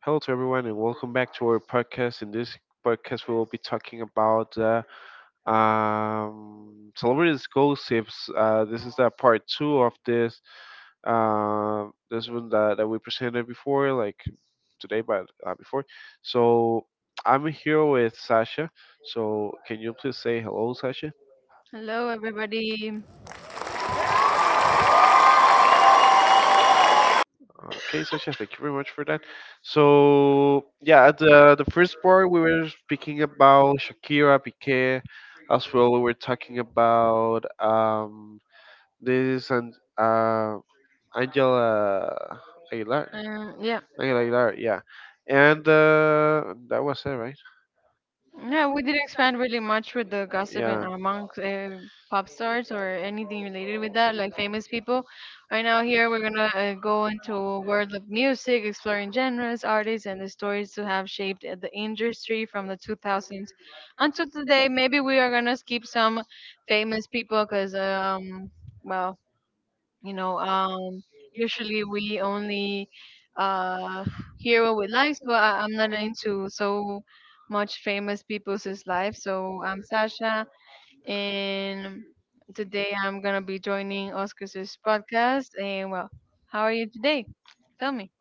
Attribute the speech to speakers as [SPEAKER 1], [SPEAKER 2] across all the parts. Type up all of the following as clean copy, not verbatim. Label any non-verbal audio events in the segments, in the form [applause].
[SPEAKER 1] Hello to everyone, and welcome back to our podcast. In this podcast, we will be talking about celebrities' gossips. This is the part two of this uh, this one that we presented before, like today, but before. So I'm here with Sasha. So can you please say hello, Sasha?
[SPEAKER 2] Hello, everybody.
[SPEAKER 1] Okay, Sasha, thank you very much for that. So, yeah, at the first part, we were speaking about Shakira, Piqué, as well. We were talking about this and Angela Aguilar.
[SPEAKER 2] Um, yeah,
[SPEAKER 1] Angela Aguilar, yeah. And that was it, right?
[SPEAKER 2] yeah, we didn't expand really much with the gossip and
[SPEAKER 1] Yeah.
[SPEAKER 2] amongst pop stars or anything related with that, like famous people. Right now, here we're gonna go into a world of music, exploring genres, artists, and the stories to have shaped the industry from the 2000s until today. Maybe we are gonna skip some famous people, cause well, you know, usually we only uh, hear what we like, so I'm not into so much famous people's life. So I'm Sasha, and today I'm gonna be joining Oscar's podcast. And well, how are you today? Tell me.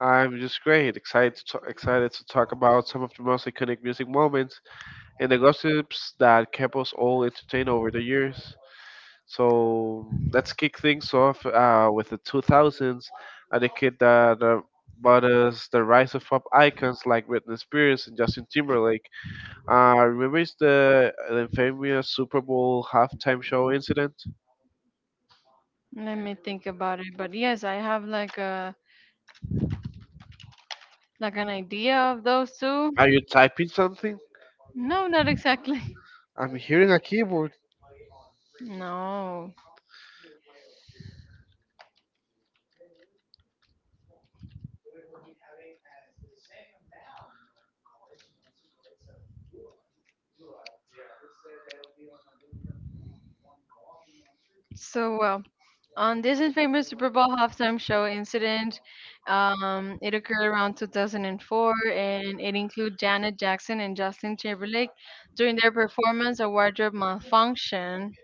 [SPEAKER 1] I'm just great, excited excited to talk about some of the most iconic music moments and the gossips that kept us all entertained over the years. So let's kick things off with the 2000s, a kid that brought us the rise of pop icons like Britney Spears and Justin Timberlake. Remember it's the infamous Super Bowl halftime show incident?
[SPEAKER 2] Let me think about it. But yes, I have like a like an idea of those two.
[SPEAKER 1] Are you typing something?
[SPEAKER 2] No, not exactly. [laughs]
[SPEAKER 1] I'm hearing a keyboard.
[SPEAKER 2] No. So well, on this infamous Super Bowl halftime show incident, it occurred around 2004 and it included Janet Jackson and Justin Timberlake. During their performance, a wardrobe malfunction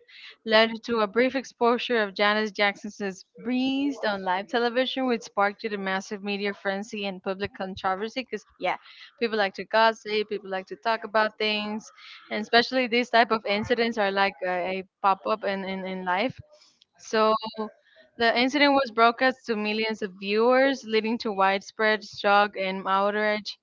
[SPEAKER 2] led to a brief exposure of Janis Jackson's Breeze on live television, which sparked a massive media frenzy and public controversy. Because yeah, people like to gossip, people like to talk about things, and especially these type of incidents are like a pop up in in life. So the incident was broadcast to millions of viewers, leading to widespread shock and outrage.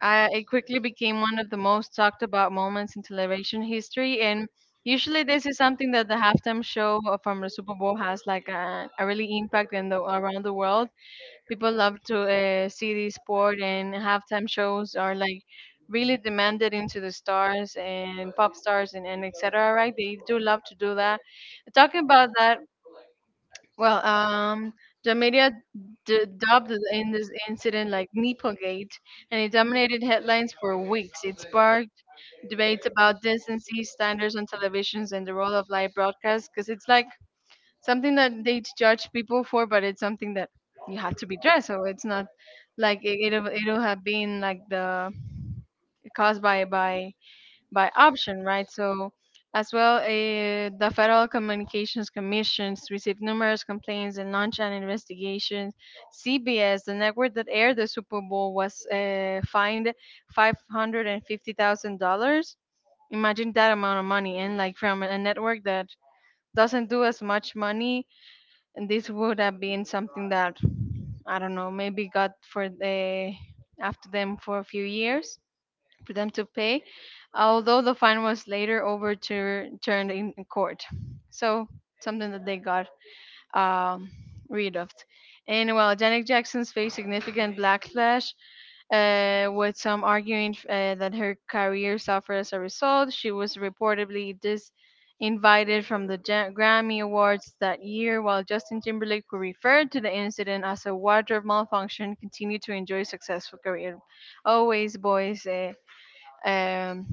[SPEAKER 2] I, it quickly became one of the most talked about moments in television history. And usually, this is something that the halftime show from the Super Bowl has like a really impact in the around the world. People love to see this sport, and halftime shows are like really demanded into the stars and pop stars and etc. Right? They do love to do that. Talking about that well, the media dubbed in this incident like Nipplegate, and it dominated headlines for weeks. It sparked debates about decency standards on televisions and the role of live broadcasts, because it's like something that they judge people for, but it's something that you have to be dressed. So it's not like it'll have been like the caused by by option, right? So, as well, the Federal Communications Commissions received numerous complaints and launched an investigation. CBS, the network that aired the Super Bowl, was fined $550,000. Imagine that amount of money, and like from a network that doesn't do as much money, and this would have been something that I don't know, maybe got for the after them for a few years for them to pay, although the fine was later overturned in court. So something that they got um, rid of. And while Janet Jackson's faced significant backlash, with some arguing that her career suffered as a result, she was reportedly disinvited from the Grammy Awards that year. While Justin Timberlake, who referred to the incident as a wardrobe malfunction, continued to enjoy successful career. Always, boys. Um,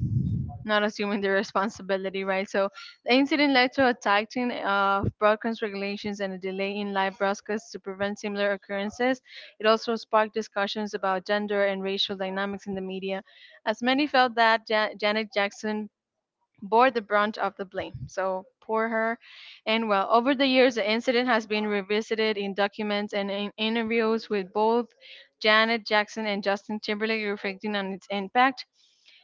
[SPEAKER 2] not assuming the responsibility, right? So the incident led to a tightening of broadcast regulations and a delay in live broadcasts to prevent similar occurrences. It also sparked discussions about gender and racial dynamics in the media, as many felt that Janet Jackson bore the brunt of the blame. So poor her. And well, over the years, the incident has been revisited in documents and in interviews with both Janet Jackson and Justin Timberlake, reflecting on its impact.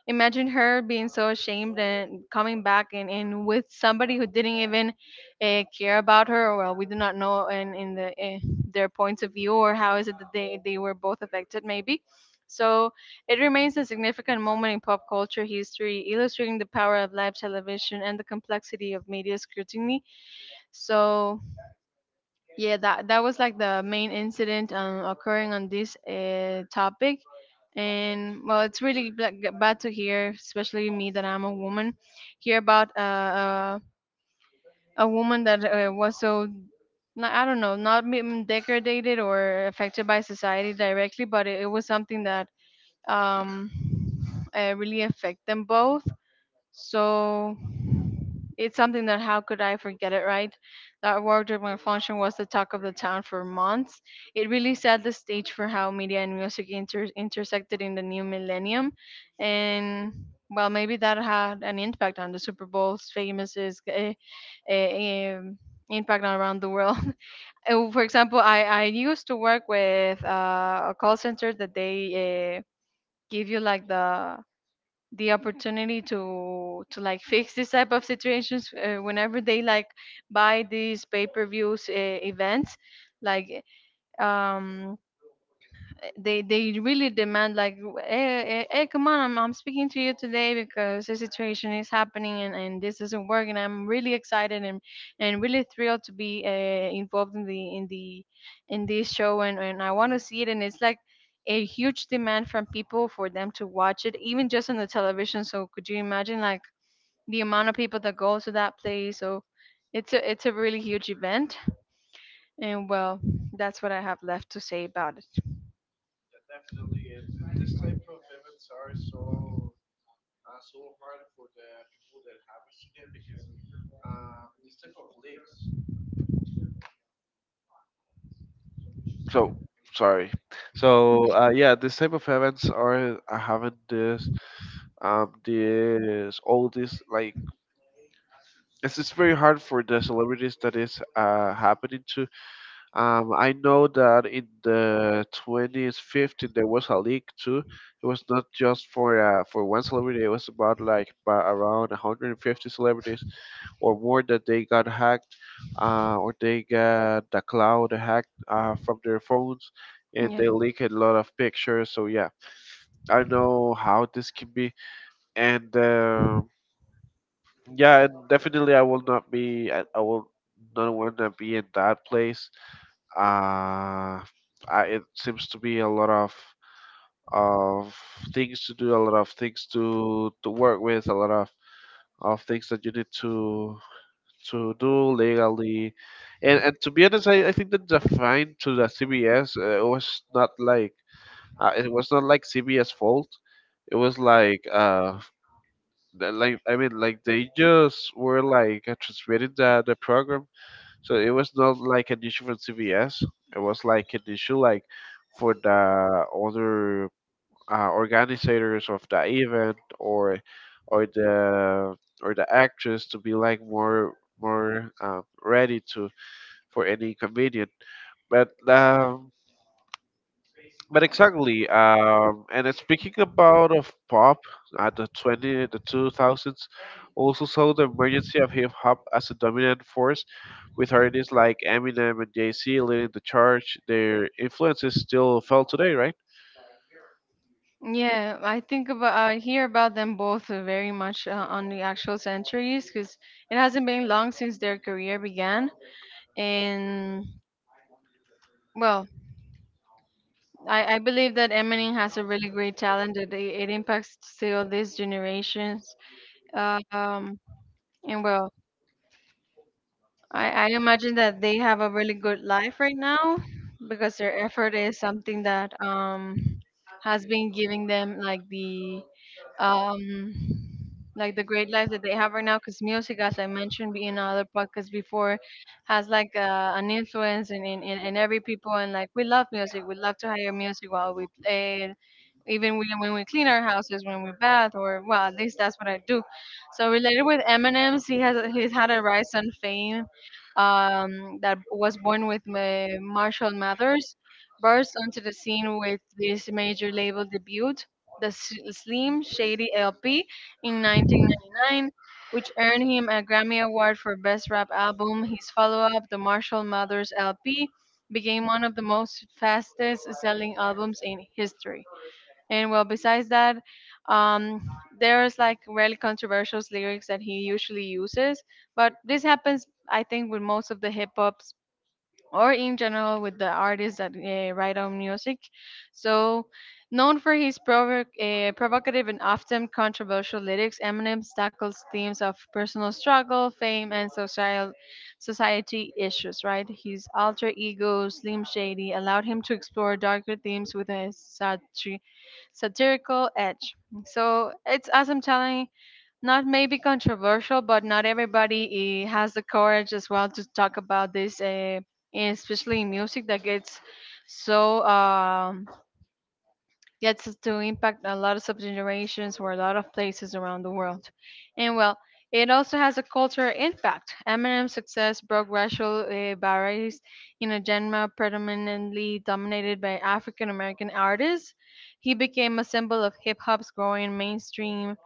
[SPEAKER 2] Imagine her being so ashamed and coming back and with somebody who didn't even care about her or well we do not know in the their points of view or how is it that they were both affected maybe. So it remains a significant moment in pop culture history illustrating the power of live television and the complexity of media scrutiny. So yeah, that was like the main incident occurring on this topic, and well, it's really like, bad to hear, especially me that I'm a woman, hear about uh, a woman that was so like, I don't know, not being degraded or affected by society directly, but it was something that um really affect them both. So it's something that how could I forget it, right? That wardrobe malfunction was the talk of the town for months. It really set the stage for how media and music intersected in the new millennium, and well, maybe that had an impact on the Super Bowl's famous is, uh, um, impact around the world. [laughs] For example, I used to work with a call center that they give you like the opportunity to like fix this type of situations whenever they like buy these pay-per-views events like um they really demand like hey, hey, hey, come on I'm speaking to you today because the situation is happening and this isn't working. I'm really excited and really thrilled to be involved in the in this show and I want to see it, and it's like a huge demand from people for them to watch it even just on the television. So could you imagine like the amount of people that go to that place? So it's a really huge event, and well, that's what I have left to say about it.
[SPEAKER 1] So sorry. So yeah, this type of events are having this, this, all this like, it's very hard for the celebrities that is happening to. I know that in the 2015 there was a leak too. It was not just for one celebrity. It was about like around 150 celebrities or more that they got hacked, or they got the cloud hacked from their phones, and
[SPEAKER 2] Yeah.
[SPEAKER 1] they leaked a lot of pictures. So yeah, I know how this can be, and um, yeah, and definitely I will not be. I will not want to be in that place. uh, I, it seems to be a lot of things to do, a lot of things to work with, a lot of things that you need to do legally, and to be honest, I think that the fine to the CBS was not like it was not like CBS fault. It was like like, I mean, like they just were like transmitting the program, so it was not like an issue for CVS. It was like an issue like for the other organizers of the event, or the or the actress to be like more ready to for any comedian. But um, but exactly. And then speaking about of pop at the two thousands, also saw the emergence of hip hop as a dominant force with artists like Eminem and Jay-Z leading the charge, their influence is still felt today, right?
[SPEAKER 2] Yeah, I think about I hear about them both very much on the actual centuries because it hasn't been long since their career began. And well, I believe that Eminem has a really great talent that it impacts still these generations. Uh, um, and well, I imagine that they have a really good life right now because their effort is something that has been giving them um like the great life that they have right now because music, as I mentioned in other podcasts before, has like an influence in every people, and like we love music, we love to hear music while we play it, even when we clean our houses, when we bath, or well at least that's what I do. So related with Eminem's, he's had a rise on fame that was born with Marshall Mathers, burst onto the scene with this major label debut, the Slim Shady LP, in 1999, which earned him a Grammy Award for Best Rap Album. His follow-up, the Marshall Mathers LP, became one of the most fastest-selling albums in history. And well, besides that, um, there's like really controversial lyrics that he usually uses. But this happens, I think, with most of the hip hop or in general with the artists that write on music. So, known for his provocative and often controversial lyrics, Eminem tackles themes of personal struggle, fame, and social society issues. Right, his alter ego Slim Shady allowed him to explore darker themes with a satirical edge. So it's as I'm telling, not maybe controversial, but not everybody has the courage as well to talk about this, especially in music that gets so gets us to impact a lot of subgenerations or a lot of places around the world. And well, it also has a cultural impact. Eminem's success broke racial barriers in a genre predominantly dominated by African American artists. He became a symbol of hip hop's growing mainstream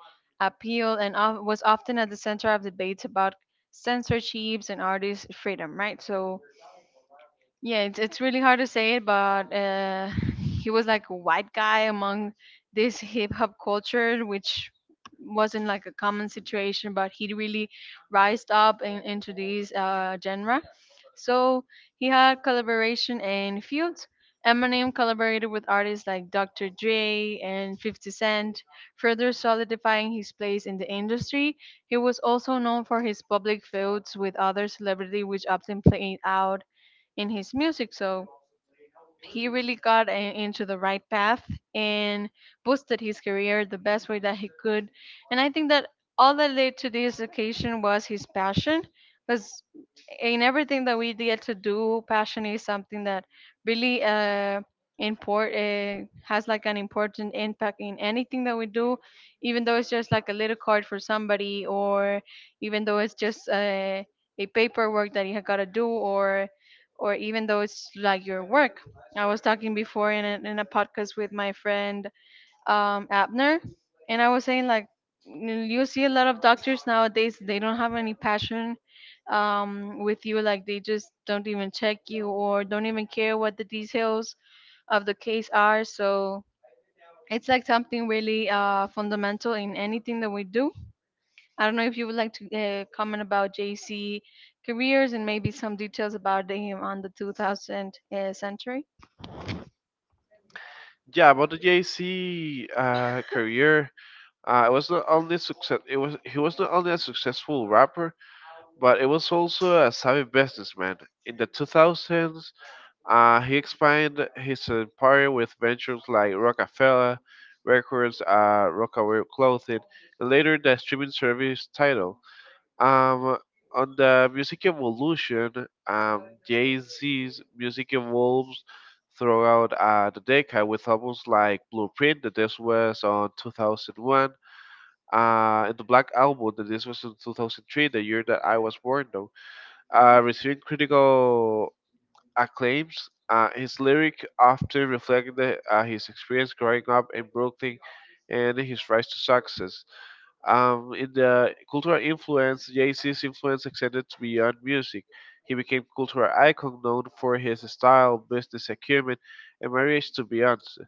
[SPEAKER 2] appeal and was often at the center of debates about censorships and artist freedom, right? So, yeah, it's really hard to say it, but he was like a white guy among this hip hop culture, which wasn't like a common situation, but he really rised up into this genre. So he had collaboration in fields. Eminem collaborated with artists like Dr. Dre and 50 Cent, further solidifying his place in the industry. He was also known for his public feuds with other celebrities, which often played out in his music. So he really got into the right path and boosted his career the best way that he could. And I think that all that led to this occasion was his passion. Because in everything that we get to do, passion is something that really import has like an important impact in anything that we do, even though it's just like a little card for somebody, or even though it's just a paperwork that you have got to do, or even though it's like your work. I was talking before in a podcast with my friend Abner, and I was saying like you see a lot of doctors nowadays. They don't have any passion with you. Like they just don't even check you or don't even care what the details of the case are. So it's like something really fundamental in anything that we do. I don't know if you would like to comment about jc careers and maybe some details about them on the 2000 century.
[SPEAKER 1] Yeah, about the Jay-Z career, it was not only success. It was He was not only a successful rapper, but it was also a savvy businessman. In the 2000s, he expanded his empire with ventures like Rockefeller Records, Rockaway Clothing, and later the streaming service Tidal. Um, on the music evolution, Jay-Z's music evolves throughout the decade with albums like Blueprint, that this was on 2001, and the Black Album, that this was in 2003, the year that I was born, though, receiving critical acclaims. His lyric often reflect his experience growing up in Brooklyn and his rise to success. In the cultural influence, Jay-Z's influence extended beyond music. He became cultural icon known for his style, business acumen, and marriage to Beyonce.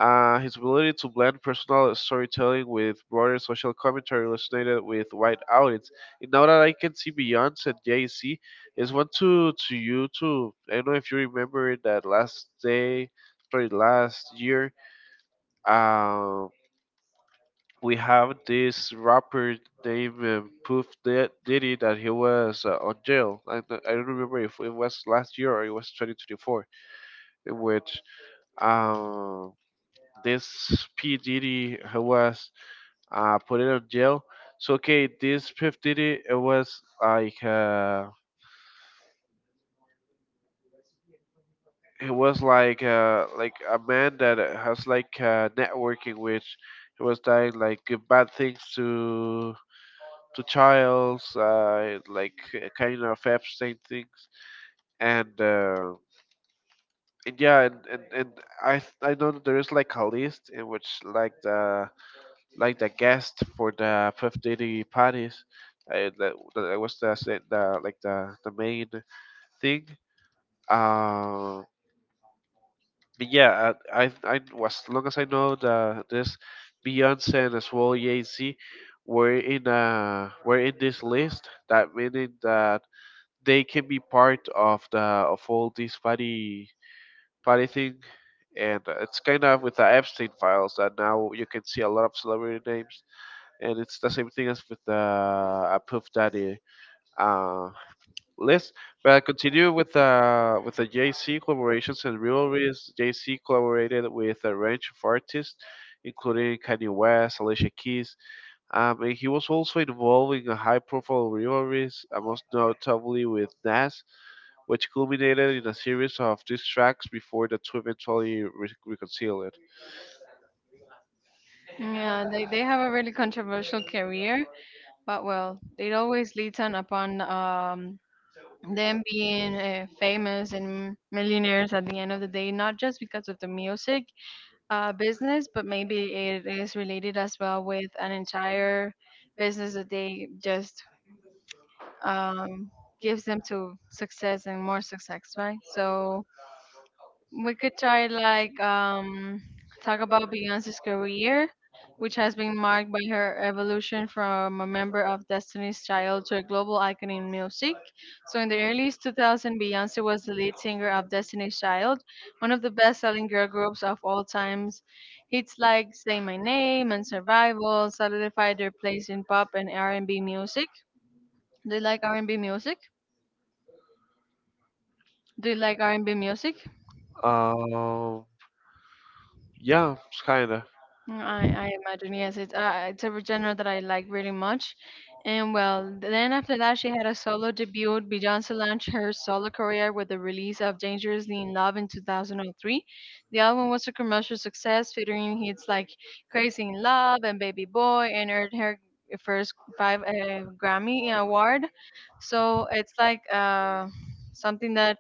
[SPEAKER 1] His ability to blend personal storytelling with broader social commentary resonated with wide audience. And now that I can see Beyonce and Jay-Z, is one to you too. I don't know if you remember that last day, sorry, last year. Um, we have this rapper named Diddy, that he was on jail. I don't remember if it was last year or it was 2024, in which um, this P Diddy who was put in on jail. So okay, this P Diddy it was like a man that has like networking, which he was doing like bad things to child's like kind of abstain things and uh, and yeah and I know that there is like a list in which like the guest for the Puff Daddy parties that was the like the main thing, uh, but yeah, I, as long as I know the this Beyonce and as well Jay Z were in this list, that meaning that they can be part of the of all this party party thing. And it's kind of with the Epstein files that now you can see a lot of celebrity names, and it's the same thing as with the Puff Daddy uh, list. But I continue with the JC collaborations and rivalries. JC collaborated with a range of artists, including Kanye West, Alicia Keys, and he was also involved in high-profile rivalries, most notably with Nas, which culminated in a series of diss tracks before the two eventually reconciled.
[SPEAKER 2] Yeah, they have a really controversial career, but well, it always leads on upon them being famous and millionaires at the end of the day, not just because of the music business, but maybe it is related as well with an entire business that they just um, gives them to success and more success, right? So we could try like talk about Beyonce's career, which has been marked by her evolution from a member of Destiny's Child to a global icon in music. So in the early 2000s, Beyonce was the lead singer of Destiny's Child, one of the best-selling girl groups of all times. Hits like "Say My Name" and "Survival" solidified their place in pop and R&B music. Do you like R&B music? Do you like R&B music?
[SPEAKER 1] Um, yeah, kinda.
[SPEAKER 2] Mm, I imagine yes. It's it's a genre that I like really much. And well, then after that she had a solo debut. Beyoncé launched her solo career with the release of Dangerously in Love in 2003. The album was a commercial success, featuring hits like Crazy in Love and Baby Boy, and earned her first five Grammy award. So it's like, something that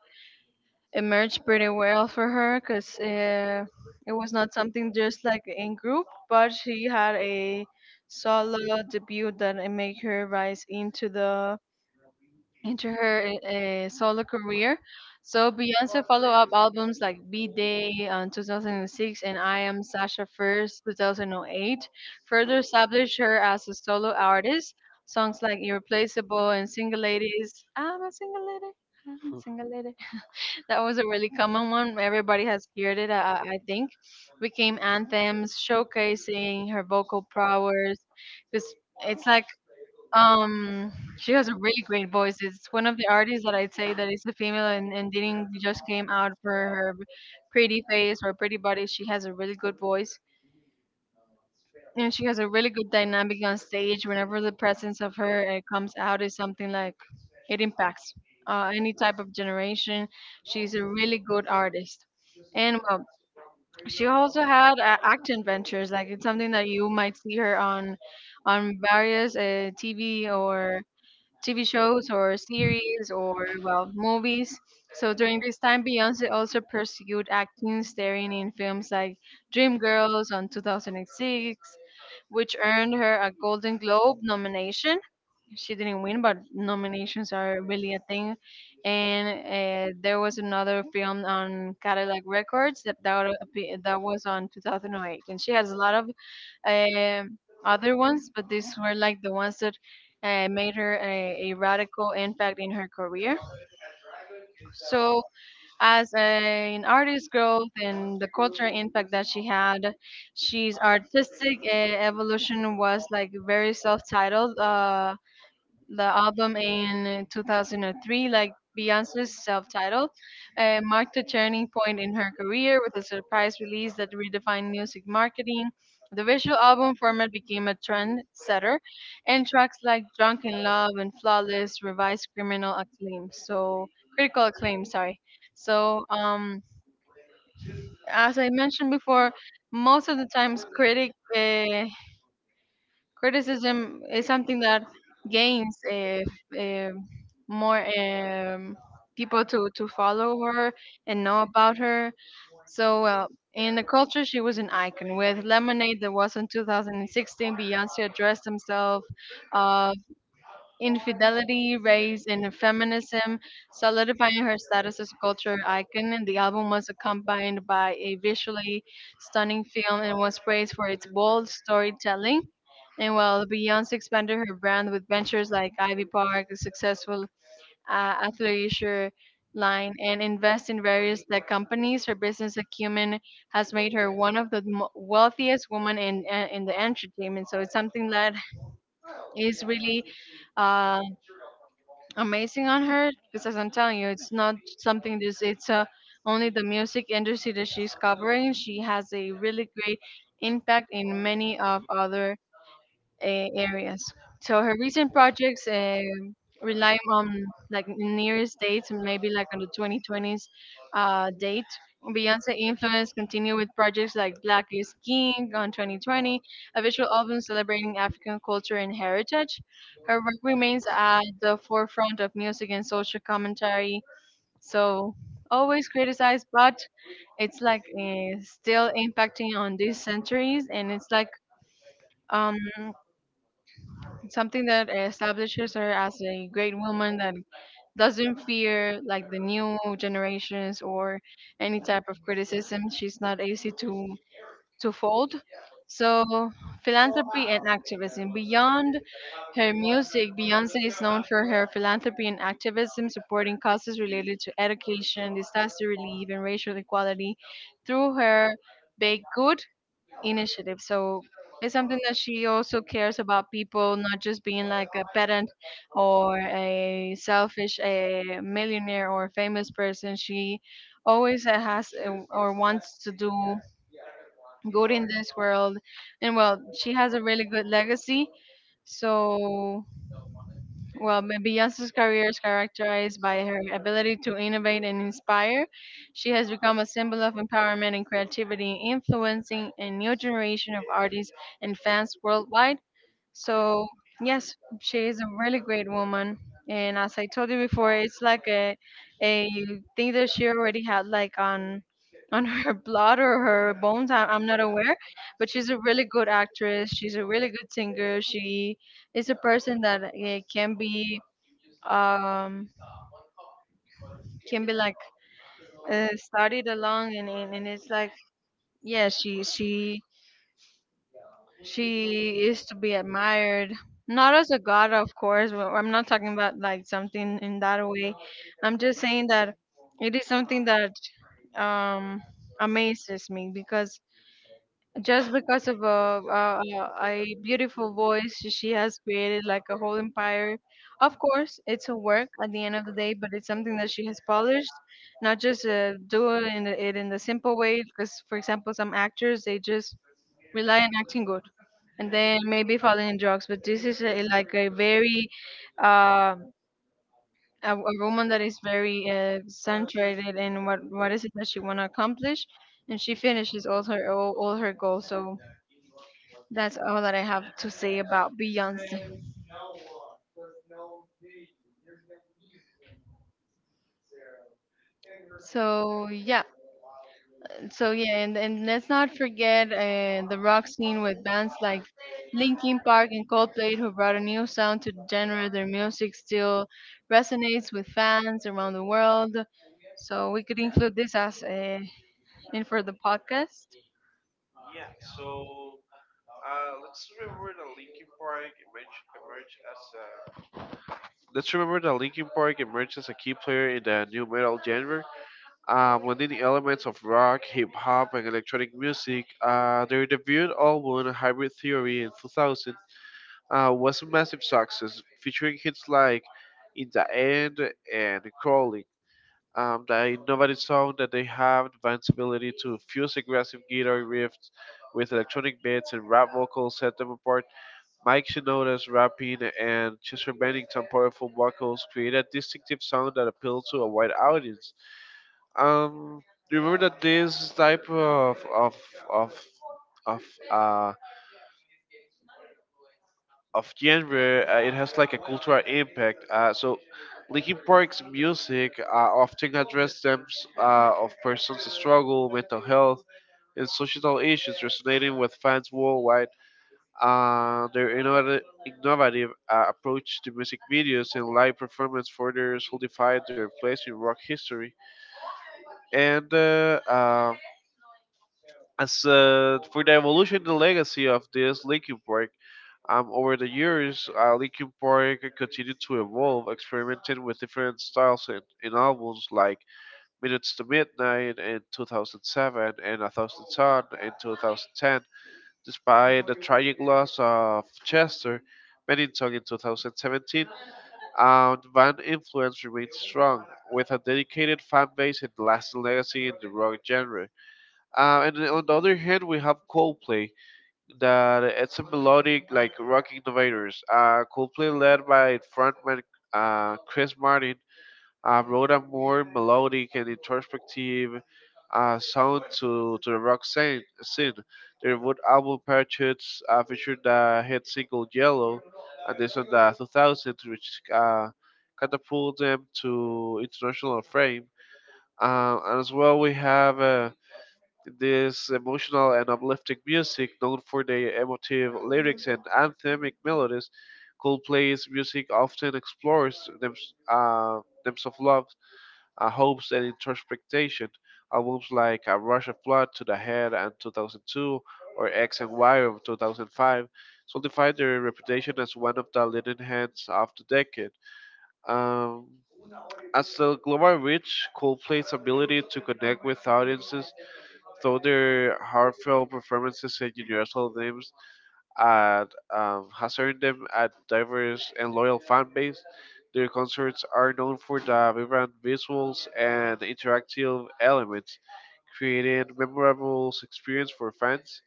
[SPEAKER 2] it merged pretty well for her, because it was not something just like in group, but she had a solo debut that it made her rise into the into her solo career. So Beyonce follow up albums like B Day in 2006 and I Am Sasha First 2008 further established her as a solo artist. Songs like Irreplaceable and Single Ladies, I'm a single lady, I'm a single lady, that was a really common one. Everybody has heard it, I think. Became anthems, showcasing her vocal prowess. Because it's like um, she has a really great voice. It's one of the artists that I'd say that is a female and didn't just came out for her pretty face or pretty body. She has a really good voice. You know, she has a really good dynamic on stage. Whenever the presence of her comes out, is something like it impacts any type of generation. She's a really good artist, and well, she also had acting ventures. Like it's something that you might see her on various TV or TV shows or series or well movies. So during this time, Beyonce also pursued acting, starring in films like Dreamgirls on 2006, which earned her a Golden Globe nomination. She didn't win, but nominations are really a thing. And there was another film on Cadillac Records, that was on 2008. And she has a lot of uh, other ones, but these were like the ones that made her a radical impact in her career. So as an artist growth and the cultural impact that she had, she's artistic evolution was like very self-titled the album in 2003, like Beyonce's self-titled, marked a turning point in her career with a surprise release that redefined music marketing. The visual album format became a trendsetter, and tracks like "Drunk in Love" and "Flawless" revised criminal acclaim. So critical acclaim, sorry. So as I mentioned before, most of the times Criticism is something that gains uh, more people to follow her and know about her. So in the culture, she was an icon. With Lemonade, that was in 2016, Beyonce addressed himself uh, Infidelity, Race, and Feminism, solidifying her status as a culture icon. And the album was accompanied by a visually stunning film and was praised for its bold storytelling. And while Beyonce expanded her brand with ventures like Ivy Park, a successful athleisure line, and invest in various tech companies, her business acumen has made her one of the wealthiest women in the entertainment. So it's something that is really uh, amazing on her, because as I'm telling you, it's not something this it's only the music industry that she's covering. She has a really great impact in many of other areas. So her recent projects rely on like nearest dates and maybe like on the 2020s date. Beyonce influence continue with projects like Black is King on 2020, a visual album celebrating African culture and heritage. Her work remains at the forefront of music and social commentary. So always criticized, but it's like still impacting on these centuries, and it's like um. Something that establishes her as a great woman that doesn't fear like the new generations or any type of criticism. She's not easy to fold. So philanthropy and activism. Beyond her music, Beyonce is known for her philanthropy and activism, supporting causes related to education, disaster relief, and racial equality through her Baked Good initiative. So it's something that she also cares about people, not just being like a pedant or a selfish a millionaire or famous person. She always has or wants to do good in this world, and well, she has a really good legacy. So well, but Beyonce's career is characterized by her ability to innovate and inspire. She has become a symbol of empowerment and creativity, influencing a new generation of artists and fans worldwide. So yes, she is a really great woman. And as I told you before, it's like a thing that she already had like on her [laughs] blood or her bones. I'm not aware, but she's a really good actress. She's a really good singer. She is a person that um can be like studied along, and it's like yeah. She is to be admired, not as a god, of course. I'm not talking about like something in that way. I'm just saying that it is something that um, amazes me, because just because of a, a beautiful voice she has created like a whole empire. Of course it's her work at the end of the day, but it's something that she has polished, not just doing it in the simple way, because for example some actors they just rely on acting good and then maybe falling in drugs. But this is a, like a very uh, a woman that is very centered in what is it that she want to accomplish, and she finishes all her all her goals. So that's all that I have to say about Beyonce. So yeah, so yeah, and let's not forget the rock scene with bands like Linkin Park and Coldplay, who brought a new sound to the genre. Their music still resonates with fans around the world. So we could include this as in for the podcast.
[SPEAKER 1] Yeah, so let's remember that Linkin Park emerged, emerged as a Let's remember that Linkin Park emerged as a key player in the new metal genre, blending the elements of rock, hip hop, and electronic music. Their debut album, Hybrid Theory, in 2000, was a massive success, featuring hits like In the End and Crawling. The innovative sound that they have, Van's ability to fuse aggressive guitar riffs with electronic beats and rap vocals set them apart. Mike Shinoda's rapping and Chester Bennington's powerful vocals create a distinctive sound that appeals to a wide audience. Um, remember that this type of of uh, of genre. It has like a cultural impact. So Linkin Park's music often address themes of persons' struggle, mental health, and societal issues, resonating with fans worldwide. Their innovative approach to music videos and live performance further solidified their place in rock history. And as for the evolution and legacy of this Linkin Park, over the years, Linkin Park continued to evolve, experimenting with different styles in albums like Minutes to Midnight in 2007 and A Thousand Suns* in 2010. Despite the tragic loss of Chester Bennington in 2017, the band influence remains strong, with a dedicated fan base and lasting legacy in the rock genre. And on the other hand, we have Coldplay, that it's a melodic like rock innovators. Coldplay, led by frontman Chris Martin, wrote a more melodic and introspective sound to the rock scene. Their wood album Parachutes featured the hit single Yellow, and this on the 2000s, which catapulted them to international fame. And as well, we have this emotional and uplifting music, known for their emotive lyrics and anthemic melodies, Coldplay's music often explores themes of love, hopes, and introspection. Albums like A Rush of Blood to the Head and 2002 or X and Y of 2005 solidified their reputation as one of the leading hands of the decade. Um, as a global reach, Coldplay's ability to connect with audiences though their heartfelt performances and universal themes at, has earned them a diverse and loyal fan base, their concerts are known for the vibrant visuals and interactive elements, creating memorable experience for fans.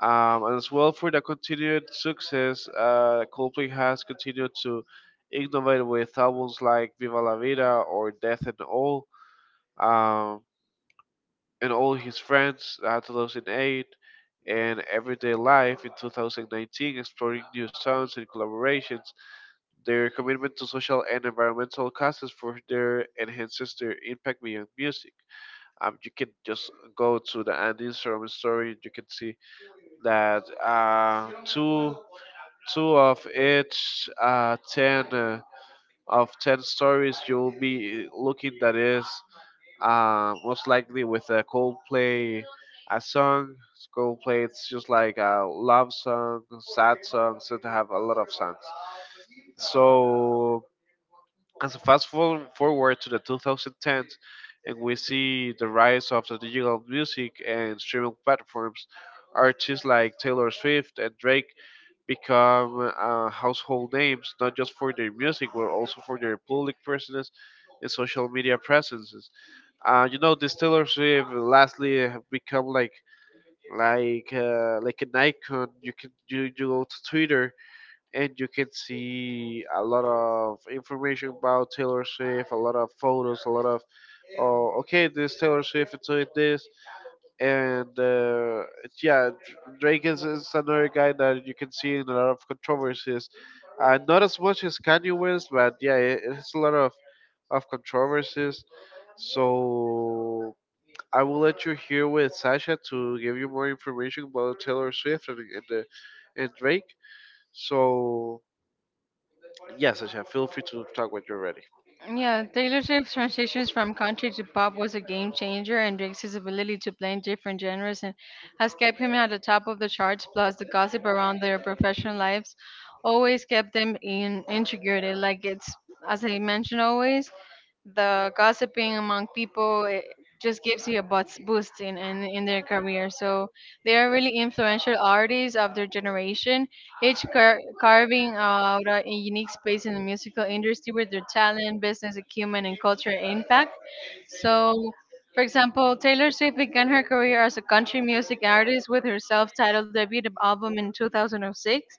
[SPEAKER 1] And as well for the continued success, Coldplay has continued to innovate with albums like Viva la Vida or Death and um, all His Friends at 2008 and Everyday Life in 2019, exploring new sounds and collaborations. Their commitment to social and environmental causes for their enhances their impact beyond music. You can just go to the and Instagram story. You can see that two of each ten, of ten stories you'll be looking that is most likely with a Coldplay a song. Coldplay, it's just like a love song, sad songs, so they have a lot of songs. So as a forward to the 2010s, and we see the rise of the digital music and streaming platforms, artists like Taylor Swift and Drake become household names, not just for their music, but also for their public presence and social media presence. You know, distillery lastly have become like like an icon. You can you go to Twitter and you can see a lot of information about Taylor Swift, a lot of photos, a lot of oh okay this Taylor Swift is doing this, and yeah, Drake is another guy that you can see in a lot of controversies. Not as much as Kanye West, but yeah, it, it's a lot of controversies. So I will let you hear with Sasha to give you more information about Taylor Swift and and Drake. So yeah, Sasha, feel free to talk when you're ready.
[SPEAKER 2] Yeah, Taylor Swift's transitions from country to pop was a game changer, and Drake's ability to play in different genres and has kept him at the top of the charts. Plus, the gossip around their professional lives always kept them in intrigued. Like it's, as I mentioned, always the gossiping among people just gives you a boost in their career. So they are really influential artists of their generation, each carving out a unique space in the musical industry with their talent, business acumen, and cultural impact. So, for example, Taylor Swift began her career as a country music artist with her self-titled debut album in 2006.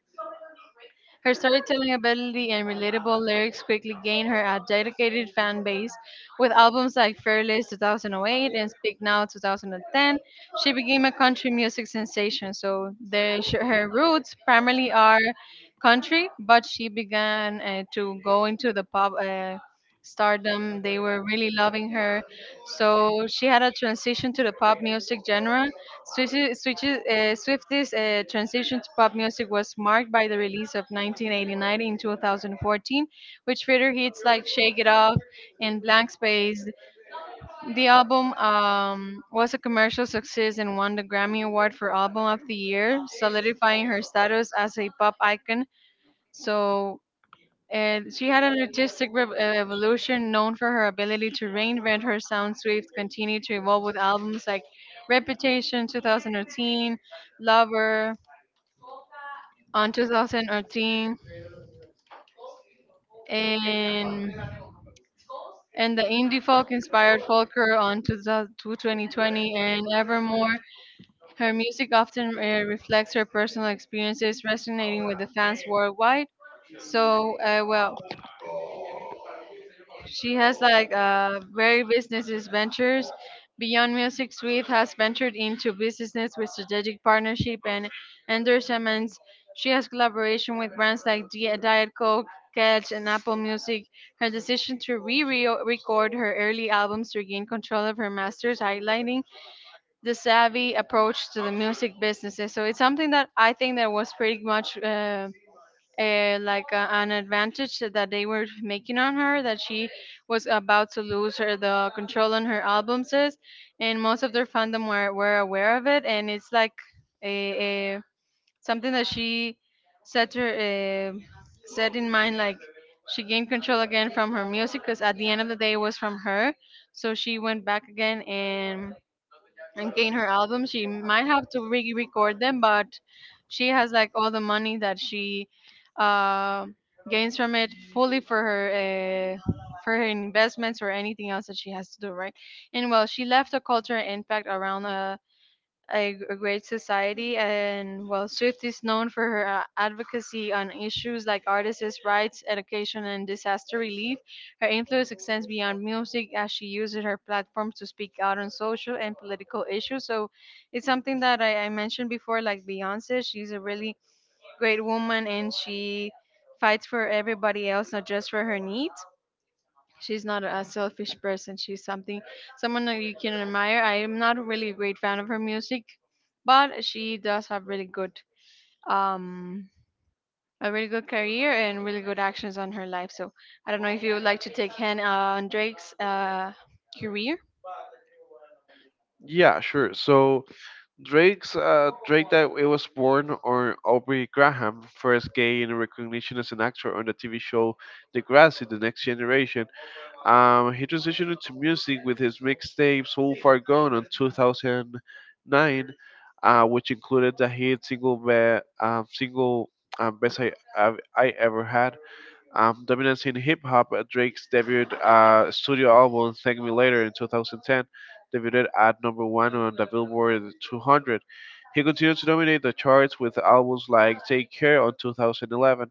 [SPEAKER 2] Her storytelling ability and relatable lyrics quickly gained her a dedicated fan base. With albums like Fearless 2008 and Speak Now 2010, she became a country music sensation. So the, her roots primarily are country, but she began to go into the pop stardom. They were really loving her. So she had a transition to the pop music genre. Swift's transition to pop music was marked by the release of 1989 in 2014, which featured hits like Shake It Off and Blank Space. The album was a commercial success and won the Grammy Award for Album of the Year, solidifying her status as a pop icon. So and she had an artistic evolution. Known for her ability to reinvent her sound, Swift continued to evolve with albums like Reputation 2013, Lover on 2013, and the indie folk inspired Folker on 2000 2020 and Evermore. Her music often reflects her personal experiences, resonating with the fans worldwide. So, well, she has like very businesses ventures. Beyond Music Swift has ventured into businesses with strategic partnership and endorsements. She has collaboration with brands like Diet Coke, Catch, and Apple Music. Her decision to re-record her early albums to regain control of her masters, highlighting the savvy approach to the music businesses. So it's something that I think that was pretty much, an advantage that they were making on her, that she was about to lose her the control on her albums, is, and most of their fandom were aware of it, and it's like a something that she set her set in mind, like she gained control again from her music because at the end of the day it was from her. So she went back again and gain her album. She might have to re-record them, but she has like all the money that she uh, gains from it fully for her investments or anything else that she has to do, right? And well, she left a cultural impact around a great society. And well, Swift is known for her advocacy on issues like artists' rights, education, and disaster relief. Her influence extends beyond music as she uses her platform to speak out on social and political issues. So it's something that I mentioned before, like Beyonce. She's a really great woman and she fights for everybody else, not just for her needs. She's not a selfish person. She's something someone that you can admire. I am not really a really great fan of her music, but she does have really good um a really good career and really good actions on her life. So I don't know if you would like to take hand on Drake's career.
[SPEAKER 1] Yeah, sure. So Drake that it was born on Aubrey Graham first gained recognition as an actor on the TV show Degrassi: The Next Generation. He transitioned into music with his mixtape So Far Gone in 2009, which included the hit single best I ever had dominance in hip hop. Drake's debut studio album, Thank Me Later, in 2010, debuted at number one on the Billboard 200. He continued to dominate the charts with albums like Take Care on 2011,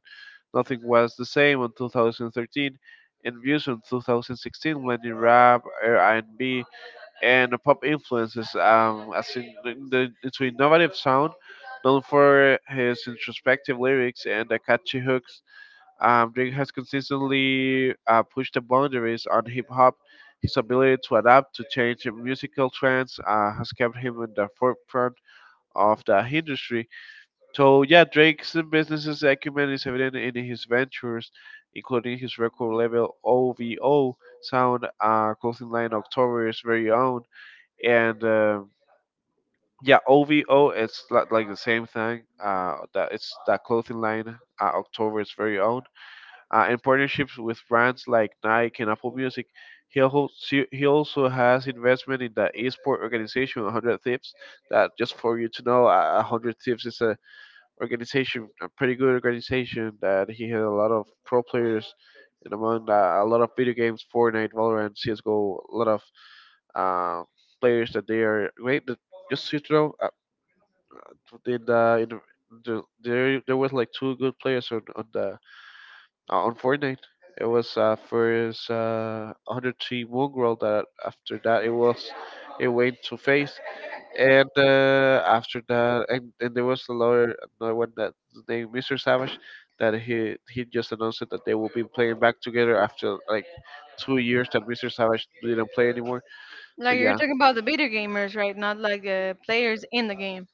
[SPEAKER 1] Nothing Was the Same on 2013, and Views on 2016, blending rap, R&B, and pop influences as in into innovative sound, known for his introspective lyrics and the catchy hooks. Drake has consistently pushed the boundaries on hip hop. His ability to adapt to changing musical trends has kept him in the forefront of the industry. So, yeah, Drake's business acumen is evident in his ventures, including his record label OVO sound, clothing line October's very own, and yeah, OVO. Like the same thing. That it's that clothing line October's very own, and partnerships with brands like Nike and Apple Music. He also has investment in the esport organization 100 Thieves. That just for you to know, 100 Thieves is a organization, a pretty good organization that he had a lot of pro players, and among that, a lot of video games, Fortnite, Valorant, CS:GO, a lot of uh, players that they are great. That just so you to know, in the there there was like two good players on the on Fortnite. It was first 103 mongrel, that after that it was it went to face, and after that and there was another one that named Mr. Savage, that he just announced that they will be playing back together after like 2 years that Mr. Savage didn't play anymore. So
[SPEAKER 2] Like, you're
[SPEAKER 1] yeah,
[SPEAKER 2] talking about the video gamers, right? Not like players in the game.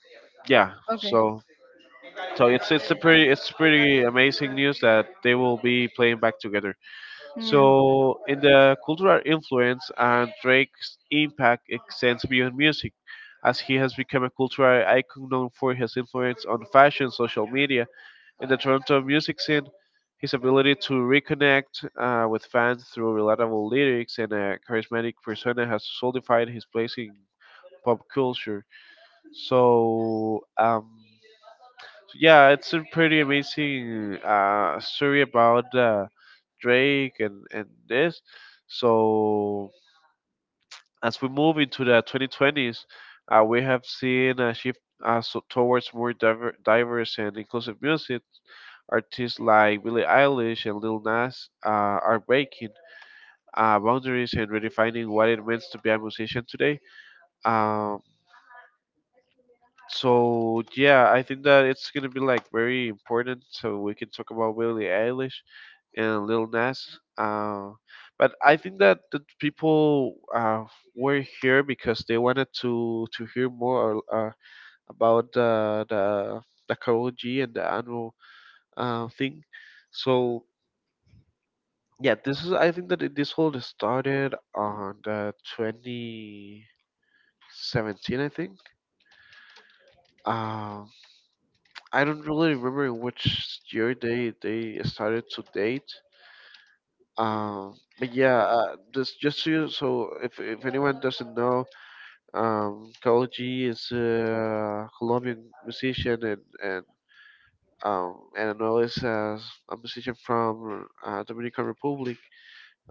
[SPEAKER 1] yeah.
[SPEAKER 2] Okay.
[SPEAKER 1] So so it's a pretty, it's pretty amazing news that they will be playing back together.
[SPEAKER 2] Yeah.
[SPEAKER 1] So, in the cultural influence, and Drake's impact extends beyond music, as he has become a cultural icon known for his influence on fashion, social media, and the Toronto music scene. His ability to reconnect with fans through relatable lyrics and a charismatic persona has solidified his place in pop culture. So, um, yeah, it's a pretty amazing story about Drake and this. So as we move into the 2020s, we have seen a shift, towards more diverse and inclusive music. Artists like Billie Eilish and Lil Nas are breaking boundaries and redefining what it means to be a musician today. Um, so yeah, I think that it's gonna be like very important. So we can talk about Billie Eilish and Lil Nas. But I think that the people were here because they wanted to hear more about the Karol G and the annual thing. So yeah, this is, I think that it- this whole started on the 2017, I think. Um, I don't really remember in which year they started to date. Uh, but yeah, just so, so if anyone doesn't know, Karol G is a Colombian musician, and Anuel is a musician from Dominican Republic.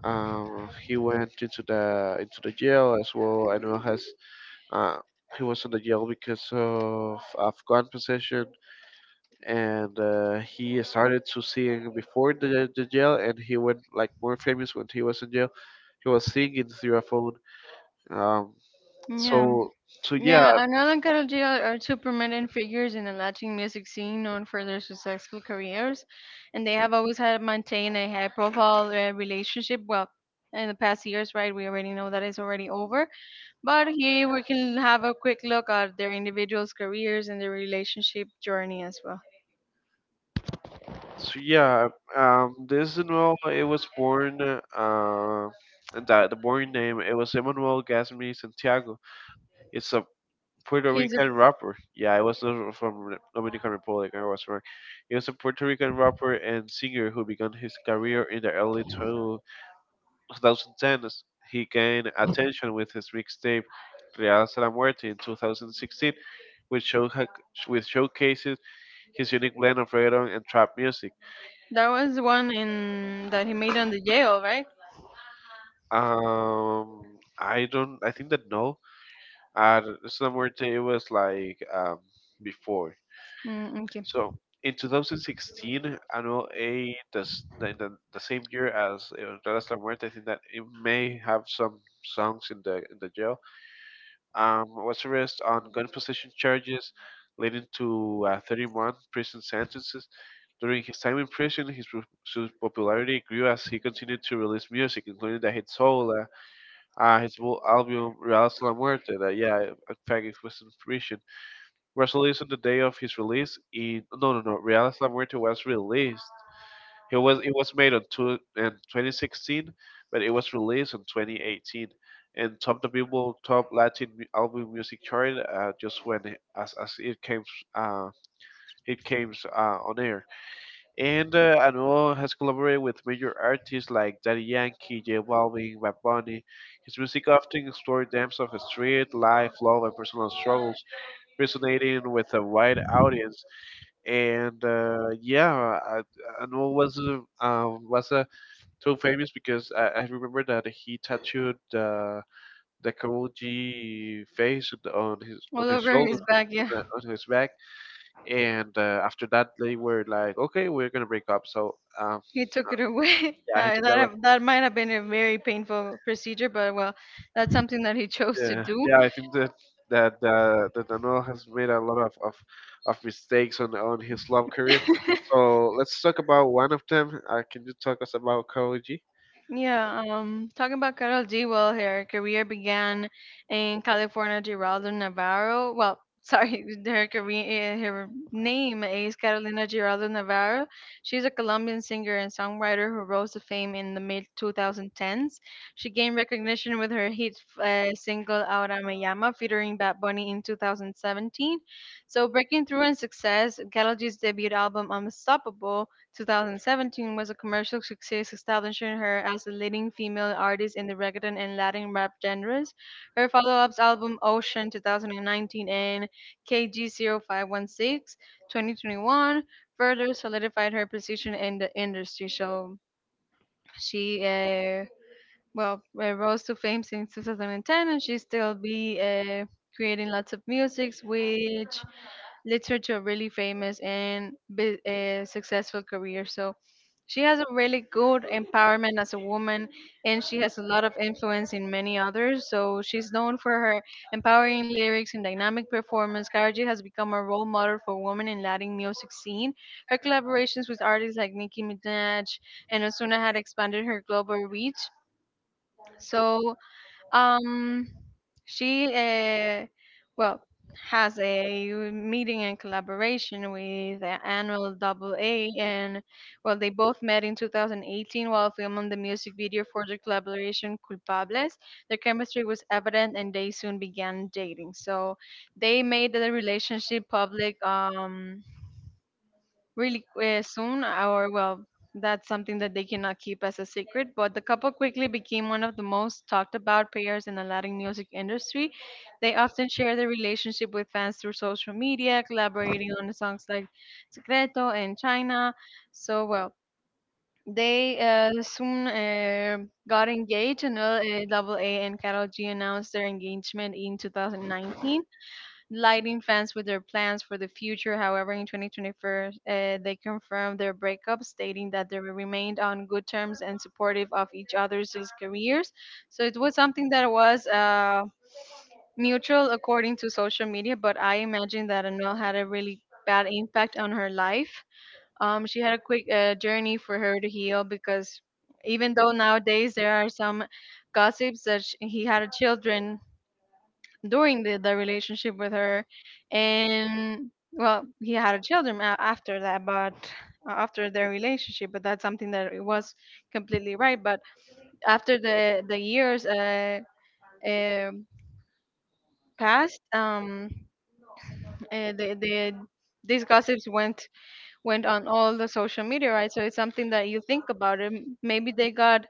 [SPEAKER 1] He went into the jail as well. Anuel has uh, he was in the jail because of gun possession, and he started to sing before the jail, and he went like more famous when he was in jail. He was singing through a phone. um,
[SPEAKER 2] Yeah.
[SPEAKER 1] yeah
[SPEAKER 2] Yeah, Arnaldo and Karol G are two prominent figures in the Latin music scene, known for their successful careers, and they have always had maintained a high profile relationship. Well, in the past years, right? We already know that it's already over. But here we can have a quick look at their individuals' careers and their relationship journey as well.
[SPEAKER 1] so yeah. This Emmanuel, it was born and that the born name it was Emmanuel Gasmi Santiago. It's a Puerto
[SPEAKER 2] He's a,
[SPEAKER 1] Rican rapper. Yeah, it was from Dominican Republic, I was wrong. He was a Puerto Rican rapper and singer who began his career in the early 2010, he gained attention with his mixtape Real Salamuerte in 2016, which, show, which showcases his unique blend of reggaeton and trap music.
[SPEAKER 2] that was the one in that he made on the jail, right?
[SPEAKER 1] I don't, I think that no, Salamuerte it was like before.
[SPEAKER 2] Mm, okay.
[SPEAKER 1] So in 2016, Anuel A, the, s- the same year as Real Salamuerte, I think that it may have some songs in the jail. Was arrested on gun possession charges, leading to 30 prison sentences. During his time in prison, his popularity grew as he continued to release music, including the hit Soul, his full album Real Hasta La Muerte, that, yeah, in fact, it was in prison, was released on the day of his release in, no, no, no, Real Hasta La Muerte was released, it was made on two, in 2016, but it was released in 2018, and top the Billboard top Latin album music chart just when it, as it came, uh, it came on air. And Anuel has collaborated with major artists like Daddy Yankee, J Balvin, Bad Bunny. His music often explores themes of street life, love, and personal struggles, resonating with a wide audience. And Yeah, I know it was so famous because I remember that he tattooed the Kamuji face on the- on his
[SPEAKER 2] All over
[SPEAKER 1] shoulder,
[SPEAKER 2] his back, yeah.
[SPEAKER 1] on his back, and after that they were like, okay, we're gonna break up.
[SPEAKER 2] He took it away. [laughs]
[SPEAKER 1] Yeah, he took
[SPEAKER 2] That
[SPEAKER 1] that way.
[SPEAKER 2] have, that might have been a very painful procedure, but well, that's something that he chose to
[SPEAKER 1] Yeah,
[SPEAKER 2] do.
[SPEAKER 1] yeah, I think that. That that Dano has made a lot of mistakes on his love career.
[SPEAKER 2] [laughs]
[SPEAKER 1] So let's talk about one of them. Can you talk us about Koji?
[SPEAKER 2] Yeah, talking about Carol G. Well, her career began in California. Geraldo Navarro. Well, sorry, [laughs] her career, eh, her name is Carolina Geraldo Navarro. She's a Colombian singer and songwriter who rose to fame in the mid 2010s. She gained recognition with her hit single "Ahora Me Llama" featuring Bad Bunny in 2017. So, breaking through in success, Carol G's debut album "Unstoppable." 2017 was a commercial success, establishing her as a leading female artist in the reggaeton and Latin rap genres. Her follow-ups album Ocean 2019 and KG0516 2021 further solidified her position in the industry. So she rose to fame since 2010, and she still be creating lots of musics, which leads her to a really famous and successful career. So she has a really good empowerment as a woman, and she has a lot of influence in many others. So she's known for her empowering lyrics and dynamic performance. Karaji has become a role model for women in Latin music scene. Her collaborations with artists like Nicki Minaj and Osuna had expanded her global reach. So, um, she well has a meeting and collaboration with the annual Double A, and well, they both met in 2018 while filming the music video for their collaboration "Culpables." Their chemistry was evident, and they soon began dating. So, they made the relationship public. Really soon, or well, that's something that they cannot keep as a secret. But the couple quickly became one of the most talked about pairs in the Latin music industry. They often share their relationship with fans through social media, collaborating on songs like Secreto and China. So, well, they soon got engaged, and AA and Carol G announced their engagement in 2019, lighting fans with their plans for the future. However, in 2024, they confirmed their breakup, stating that they remained on good terms and supportive of each other's careers. So it was something that was mutual according to social media, but I imagine that Anuel had a really bad impact on her life. She had a quick journey for her to heal, because even though nowadays there are some gossips that sh he had a children during the relationship with her, and well, he had a children a- after that, but after their relationship. But that's something that it was completely right. But after the years uh passed, the these gossips went on all the social media, right? So it's something that you think about it. M- maybe they got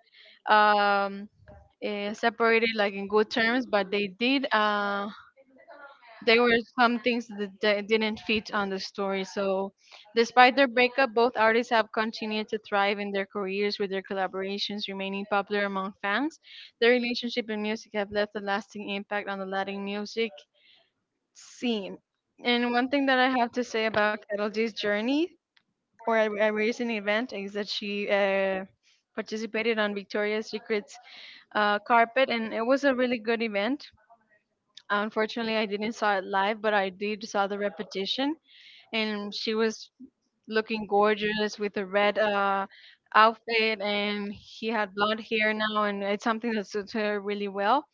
[SPEAKER 2] um separated like in good terms, but they did uh, there were some things that di- didn't fit on the story. So, despite their breakup, both artists have continued to thrive in their careers, with their collaborations remaining popular among fans. Their relationship and music have left a lasting impact on the Latin music scene. And one thing that I have to say about Carol G's journey or a recent event is that she participated on Victoria's Secret's carpet, and it was a really good event. Unfortunately, I didn't saw it live, but I did saw the repetition, and she was looking gorgeous with a red outfit, and he had blonde hair now, and it's something that suits her really well.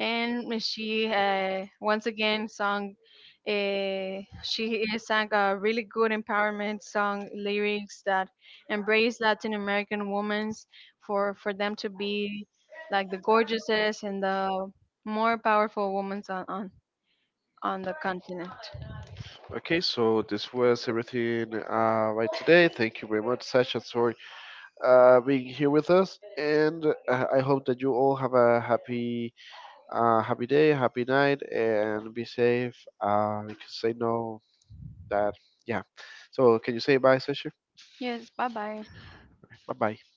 [SPEAKER 2] And she once again sung. She sang a really good empowerment song lyrics that embrace Latin American women for them to be like the gorgeouses and the more powerful women on the continent.
[SPEAKER 1] Okay, so this was everything right today. Thank you very much, Sasha, for being here with us, and I hope that you all have a happy, happy day, happy night, and be safe. Because I know that, yeah. So, can you say bye, Sasha?
[SPEAKER 2] Yes, bye bye.
[SPEAKER 1] Bye bye.